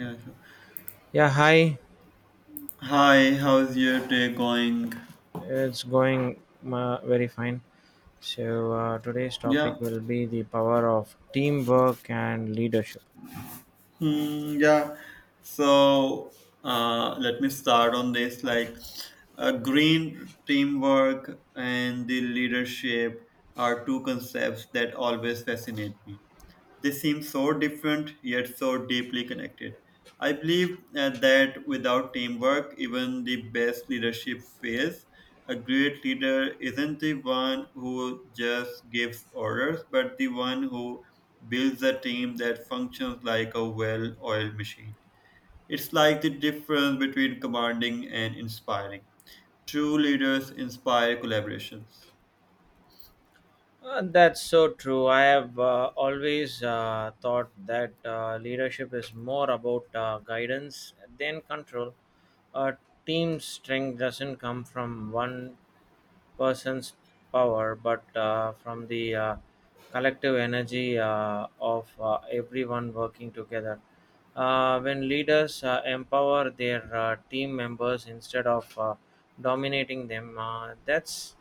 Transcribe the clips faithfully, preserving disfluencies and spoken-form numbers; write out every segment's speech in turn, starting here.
Yeah, sure. Yeah, hi. Hi, how's your day going? It's going uh, very fine. So, uh, today's Yeah. topic will be the power of teamwork and leadership. Hmm, yeah. So uh, Let me start on this like uh, green teamwork and the leadership are two concepts that always fascinate me. They seem so different yet so deeply connected. I believe uh, that without teamwork, even the best leadership fails. A great leader isn't the one who just gives orders, but the one who builds a team that functions like a well oiled machine. It's like the difference between commanding and inspiring. True leaders inspire collaborations. Uh, that's so true. I have uh, always uh, thought that uh, leadership is more about uh, guidance than control. A team's strength doesn't come from one person's power, but uh, from the uh, collective energy uh, of uh, everyone working together. Uh, when leaders uh, empower their uh, team members instead of uh, dominating them, uh, that's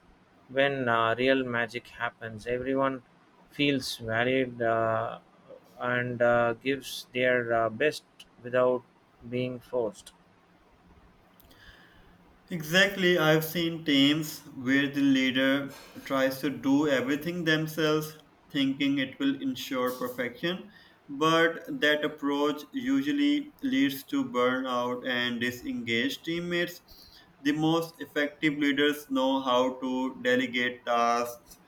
when uh, real magic happens. Everyone feels valued uh, and uh, gives their uh, best without being forced. Exactly, I've seen teams where the leader tries to do everything themselves, thinking it will ensure perfection, but that approach usually leads to burnout and disengaged teammates. The most effective leaders know how to delegate tasks,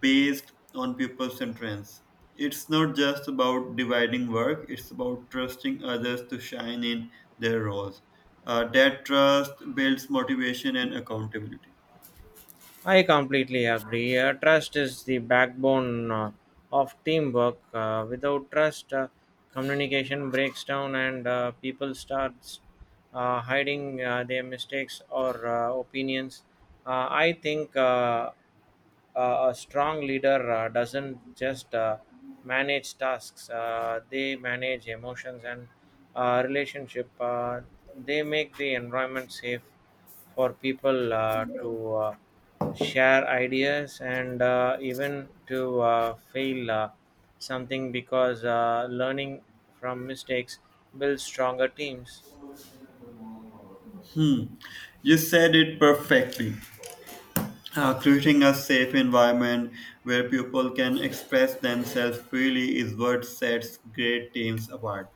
based on people's strengths. It's not just about dividing work, it's about trusting others to shine in their roles. Uh, that trust builds motivation and accountability. I completely agree. Uh, trust is the backbone uh, of teamwork. Uh, without trust, uh, communication breaks down and uh, people start uh, hiding uh, their mistakes or uh, opinions. Uh, I think. Uh, uh, A strong leader uh, doesn't just uh, manage tasks, uh, they manage emotions and uh, relationship. Uh, they make the environment safe for people uh, to uh, share ideas and uh, even to uh, fail uh, something because uh, learning from mistakes builds stronger teams. Hmm. You said it perfectly. Uh, creating a safe environment where people can express themselves freely is what sets great teams apart.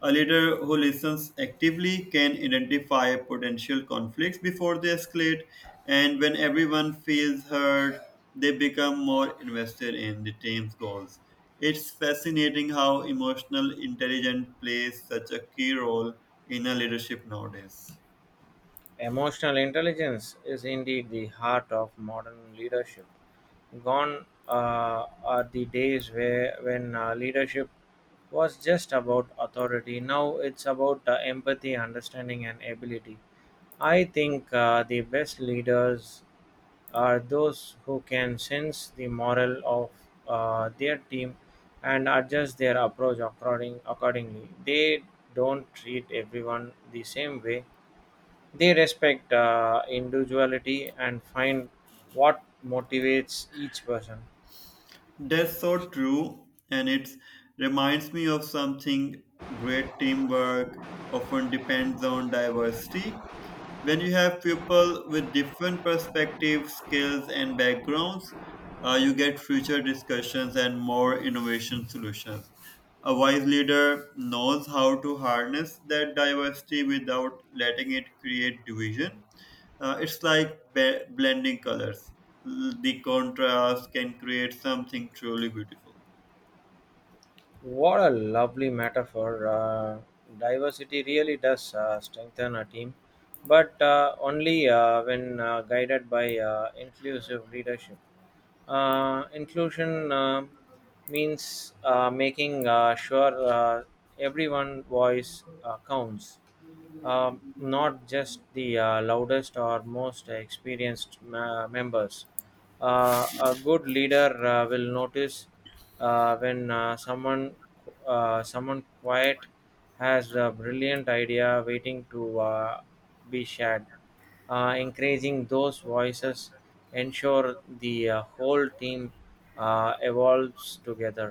A leader who listens actively can identify potential conflicts before they escalate, and when everyone feels heard, they become more invested in the team's goals. It's fascinating how emotional intelligence plays such a key role in a leadership nowadays. Emotional intelligence is indeed the heart of modern leadership. Gone uh, are the days where when uh, leadership was just about authority. Now it's about uh, empathy, understanding, and ability. I think uh, the best leaders are those who can sense the moral of uh, their team and adjust their approach according, accordingly. They don't treat everyone the same way. They respect uh, individuality and find what motivates each person. That's so true, and it reminds me of something. Great teamwork often depends on diversity. When you have people with different perspectives, skills, and backgrounds, uh, you get future discussions and more innovation solutions. A wise leader knows how to harness that diversity without letting it create division. Uh, it's like be- blending colors. L- The contrast can create something truly beautiful. What a lovely metaphor. Uh, diversity really does uh, strengthen a team, but uh, only uh, when uh, guided by uh, inclusive leadership. Uh, inclusion uh, means uh, making uh, sure uh, everyone voice uh, counts, Um not just the uh, loudest or most experienced ma- members. Uh, a good leader uh, will notice uh, when uh, someone uh, someone quiet has a brilliant idea waiting to uh, be shared, uh, encouraging those voices ensure the uh, whole team uh, evolves together.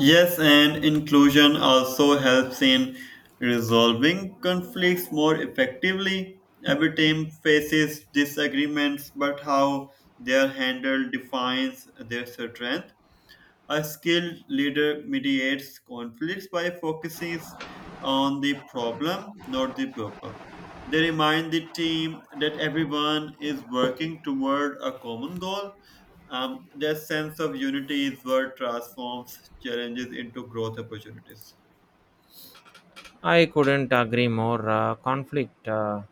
Yes, and inclusion also helps in resolving conflicts more effectively. Every team faces disagreements, but how they are handled defines their strength. A skilled leader mediates conflicts by focusing on the problem, not the people. They remind the team that everyone is working toward a common goal. Um, their sense of unity is what transforms challenges into growth opportunities. I couldn't agree more. Uh, conflict, uh,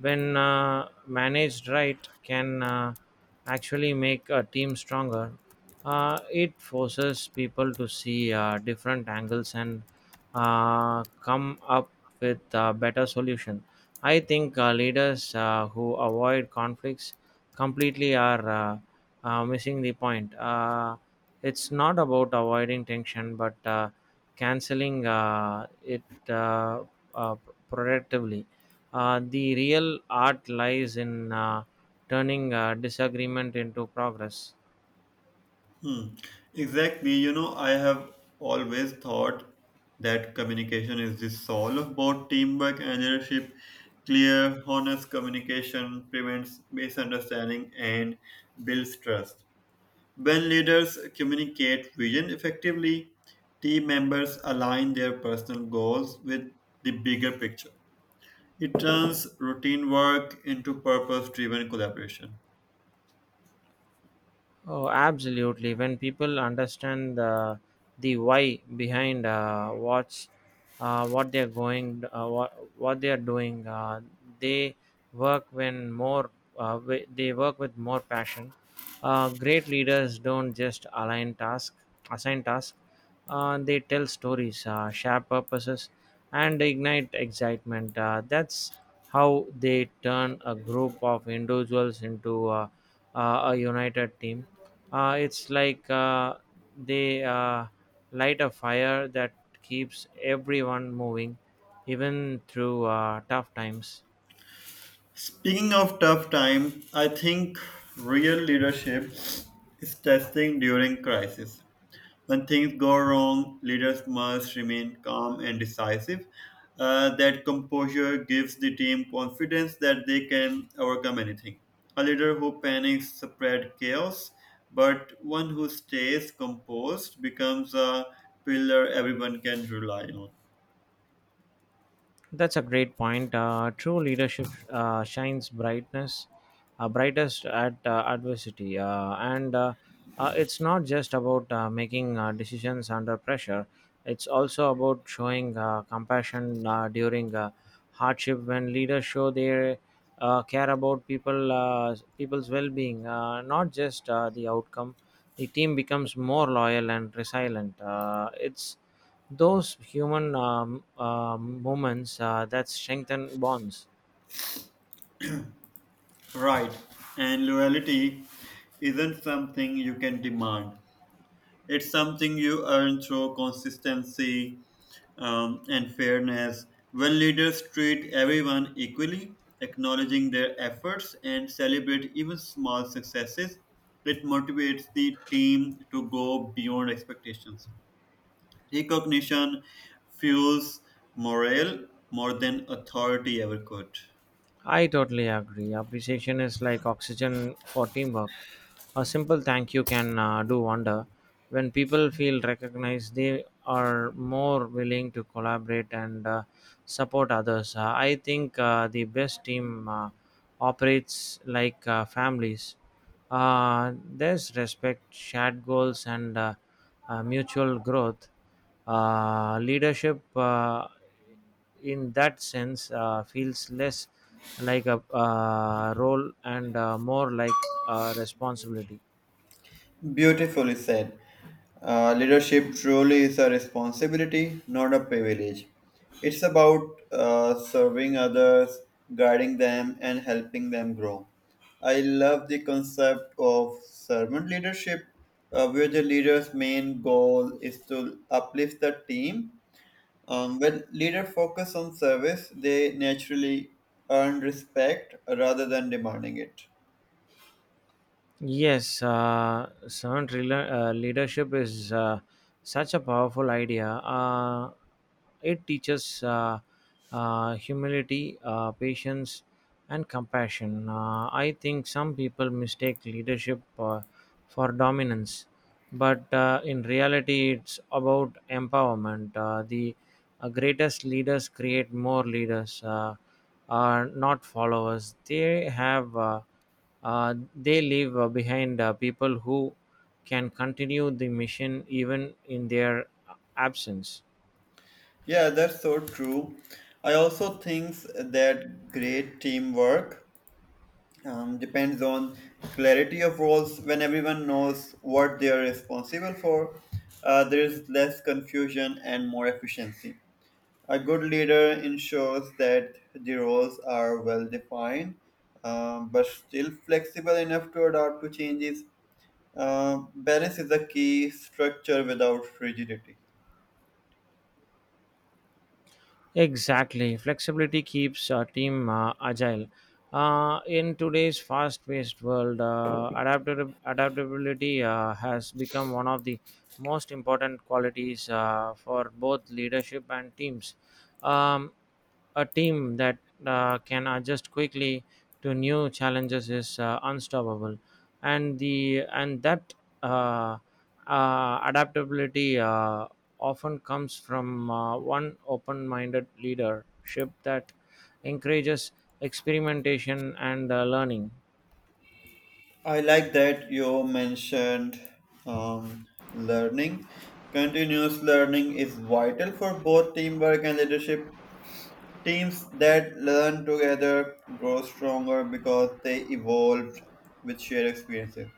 when uh, managed right, can uh, actually make a team stronger. Uh, it forces people to see uh, different angles and uh, come up with a better solution. I think uh, leaders uh, who avoid conflicts completely are uh, uh, missing the point. Uh, it's not about avoiding tension, but uh, canceling uh, it uh, uh, productively. Uh, the real art lies in uh, turning uh, disagreement into progress. Hmm. Exactly. You know, I have always thought that communication is the soul of both teamwork and leadership. Clear, honest communication prevents misunderstanding and builds trust. When leaders communicate vision effectively, team members align their personal goals with the bigger picture. It turns routine work into purpose driven collaboration. Oh, absolutely. When people understand the the why behind uh, what's uh, what they're going, uh, what what they are doing, uh, they work when more uh, wi- they work with more passion. Uh, great leaders don't just align task, assign tasks. Uh, they tell stories, uh, share purposes, and ignite excitement. Uh, that's how they turn a group of individuals into uh, uh, a united team. Uh, it's like uh, they uh, light a fire that keeps everyone moving, even through uh, tough times. Speaking of tough time, I think real leadership is testing during crisis. When things go wrong, leaders must remain calm and decisive. Uh, that composure gives the team confidence that they can overcome anything. A leader who panics spreads chaos, but one who stays composed becomes a pillar everyone can rely on. That's a great point. Uh, true leadership uh, shines brightness, uh, brightest at uh, adversity, uh, and uh, uh, it's not just about uh, making uh, decisions under pressure. It's also about showing uh, compassion uh, during uh, hardship. When leaders show they uh, care about people, uh, people's well-being, uh, not just uh, the outcome, the team becomes more loyal and resilient. Uh, it's those human um, uh, moments uh, that strengthen bonds. Right. And loyalty isn't something you can demand. It's something you earn through consistency um, and fairness. When leaders treat everyone equally, acknowledging their efforts and celebrate even small successes, it motivates the team to go beyond expectations. Recognition fuels morale more than authority ever could. I totally agree. Appreciation is like oxygen for teamwork. A simple thank you can uh, do wonder. When people feel recognized, they are more willing to collaborate and uh, support others. Uh, I think uh, the best team uh, operates like uh, families. Uh, there's respect, shared goals, and uh, uh, mutual growth. Uh, leadership, uh, in that sense, uh, feels less like a uh, role and uh, more like a responsibility. Beautifully said. Uh, leadership truly is a responsibility, not a privilege. It's about uh, serving others, guiding them, and helping them grow. I love the concept of servant leadership, uh, where the leader's main goal is to uplift the team. Um, when leaders focus on service, they naturally earn respect rather than demanding it. Yes, uh, servant rela- uh, leadership is uh, such a powerful idea. Uh, it teaches uh, uh, humility, uh, patience, and compassion. Uh, I think some people mistake leadership uh, for dominance, but uh, in reality it's about empowerment. Uh, the uh, greatest leaders create more leaders, uh, are not followers. They have uh, uh, they leave uh, behind uh, people who can continue the mission even in their absence. Yeah, that's so true. I also think that great teamwork um, depends on clarity of roles. When everyone knows what they are responsible for, uh, there is less confusion and more efficiency. A good leader ensures that the roles are well defined, um, but still flexible enough to adapt to changes. Uh, balance is a key structure without rigidity. Exactly. Flexibility keeps a team uh, agile. Uh, in today's fast paced world, uh, adaptab- adaptability uh, has become one of the most important qualities uh, for both leadership and teams. Um, a team that uh, can adjust quickly to new challenges is uh, unstoppable, and the and that uh, uh, adaptability uh, often comes from uh, one open-minded leadership that encourages experimentation and uh, learning. I like that you mentioned um, learning. Continuous learning is vital for both teamwork and leadership. Teams that learn together grow stronger because they evolved with shared experiences.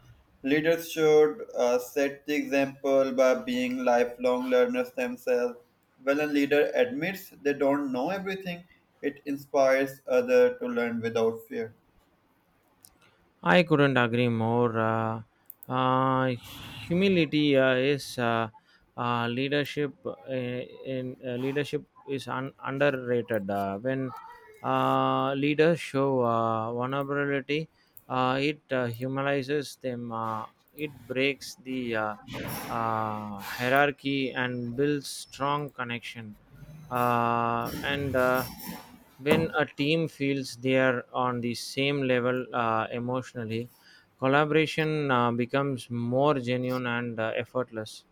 Leaders should uh, set the example by being lifelong learners themselves. When a leader admits they don't know everything, it inspires others to learn without fear. I couldn't agree more. Uh, uh, Humility uh, is uh, uh, leadership. Uh, in uh, leadership is un- underrated. Uh, when uh, leaders show uh, vulnerability, uh, it uh, humanizes them. Uh, it breaks the uh, uh, hierarchy and builds strong connection. Uh, and uh, when a team feels they are on the same level uh, emotionally, collaboration uh, becomes more genuine and uh, effortless.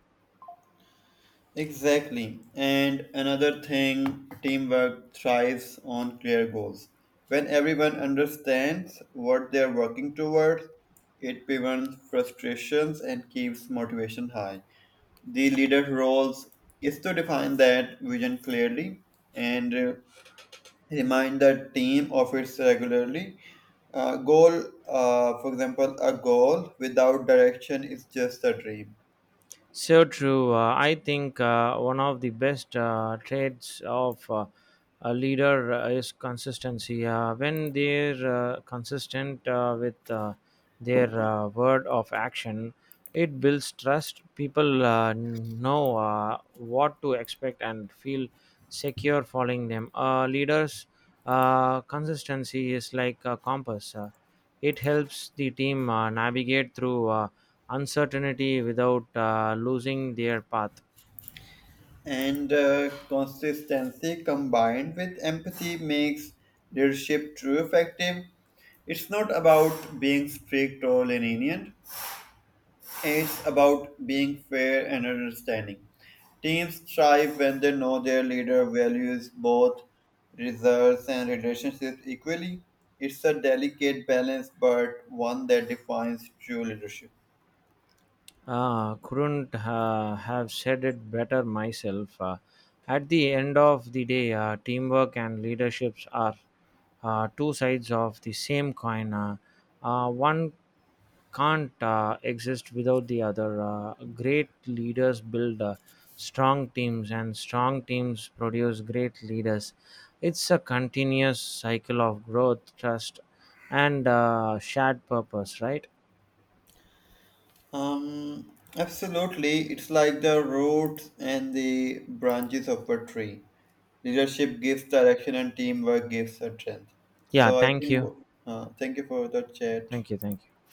Exactly. And another thing, teamwork thrives on clear goals. When everyone understands what they're working towards, it prevents frustrations and keeps motivation high. The leader's role is to define that vision clearly and uh, remind the team of it regularly. Uh, goal, uh, for example, a goal without direction is just a dream. So true. Uh, I think uh, one of the best uh, traits of uh, a leader uh, is consistency. Uh, when they're uh, consistent uh, with uh, their uh, word of action, it builds trust. People uh, know uh, what to expect and feel secure following them. Uh, leaders' uh, consistency is like a compass. Uh, it helps the team uh, navigate through uh, uncertainty without uh, losing their path. And uh, consistency combined with empathy makes leadership true effective. It's not about being strict or lenient, it's about being fair and understanding. Teams thrive when they know their leader values both results and relationships equally. It's a delicate balance, but one that defines true leadership. Ah, couldn't uh, have said it better myself. Uh, at the end of the day, uh, teamwork and leaderships are uh, two sides of the same coin. Uh, uh, one can't uh, exist without the other. Uh, great leaders build uh, strong teams, and strong teams produce great leaders. It's a continuous cycle of growth, trust, and uh, shared purpose, right? Um, absolutely. It's like the roots and the branches of a tree. Leadership gives direction and teamwork gives a strength. Yeah, So I thank think, you. uh, thank you for the chat. Thank you. Thank you.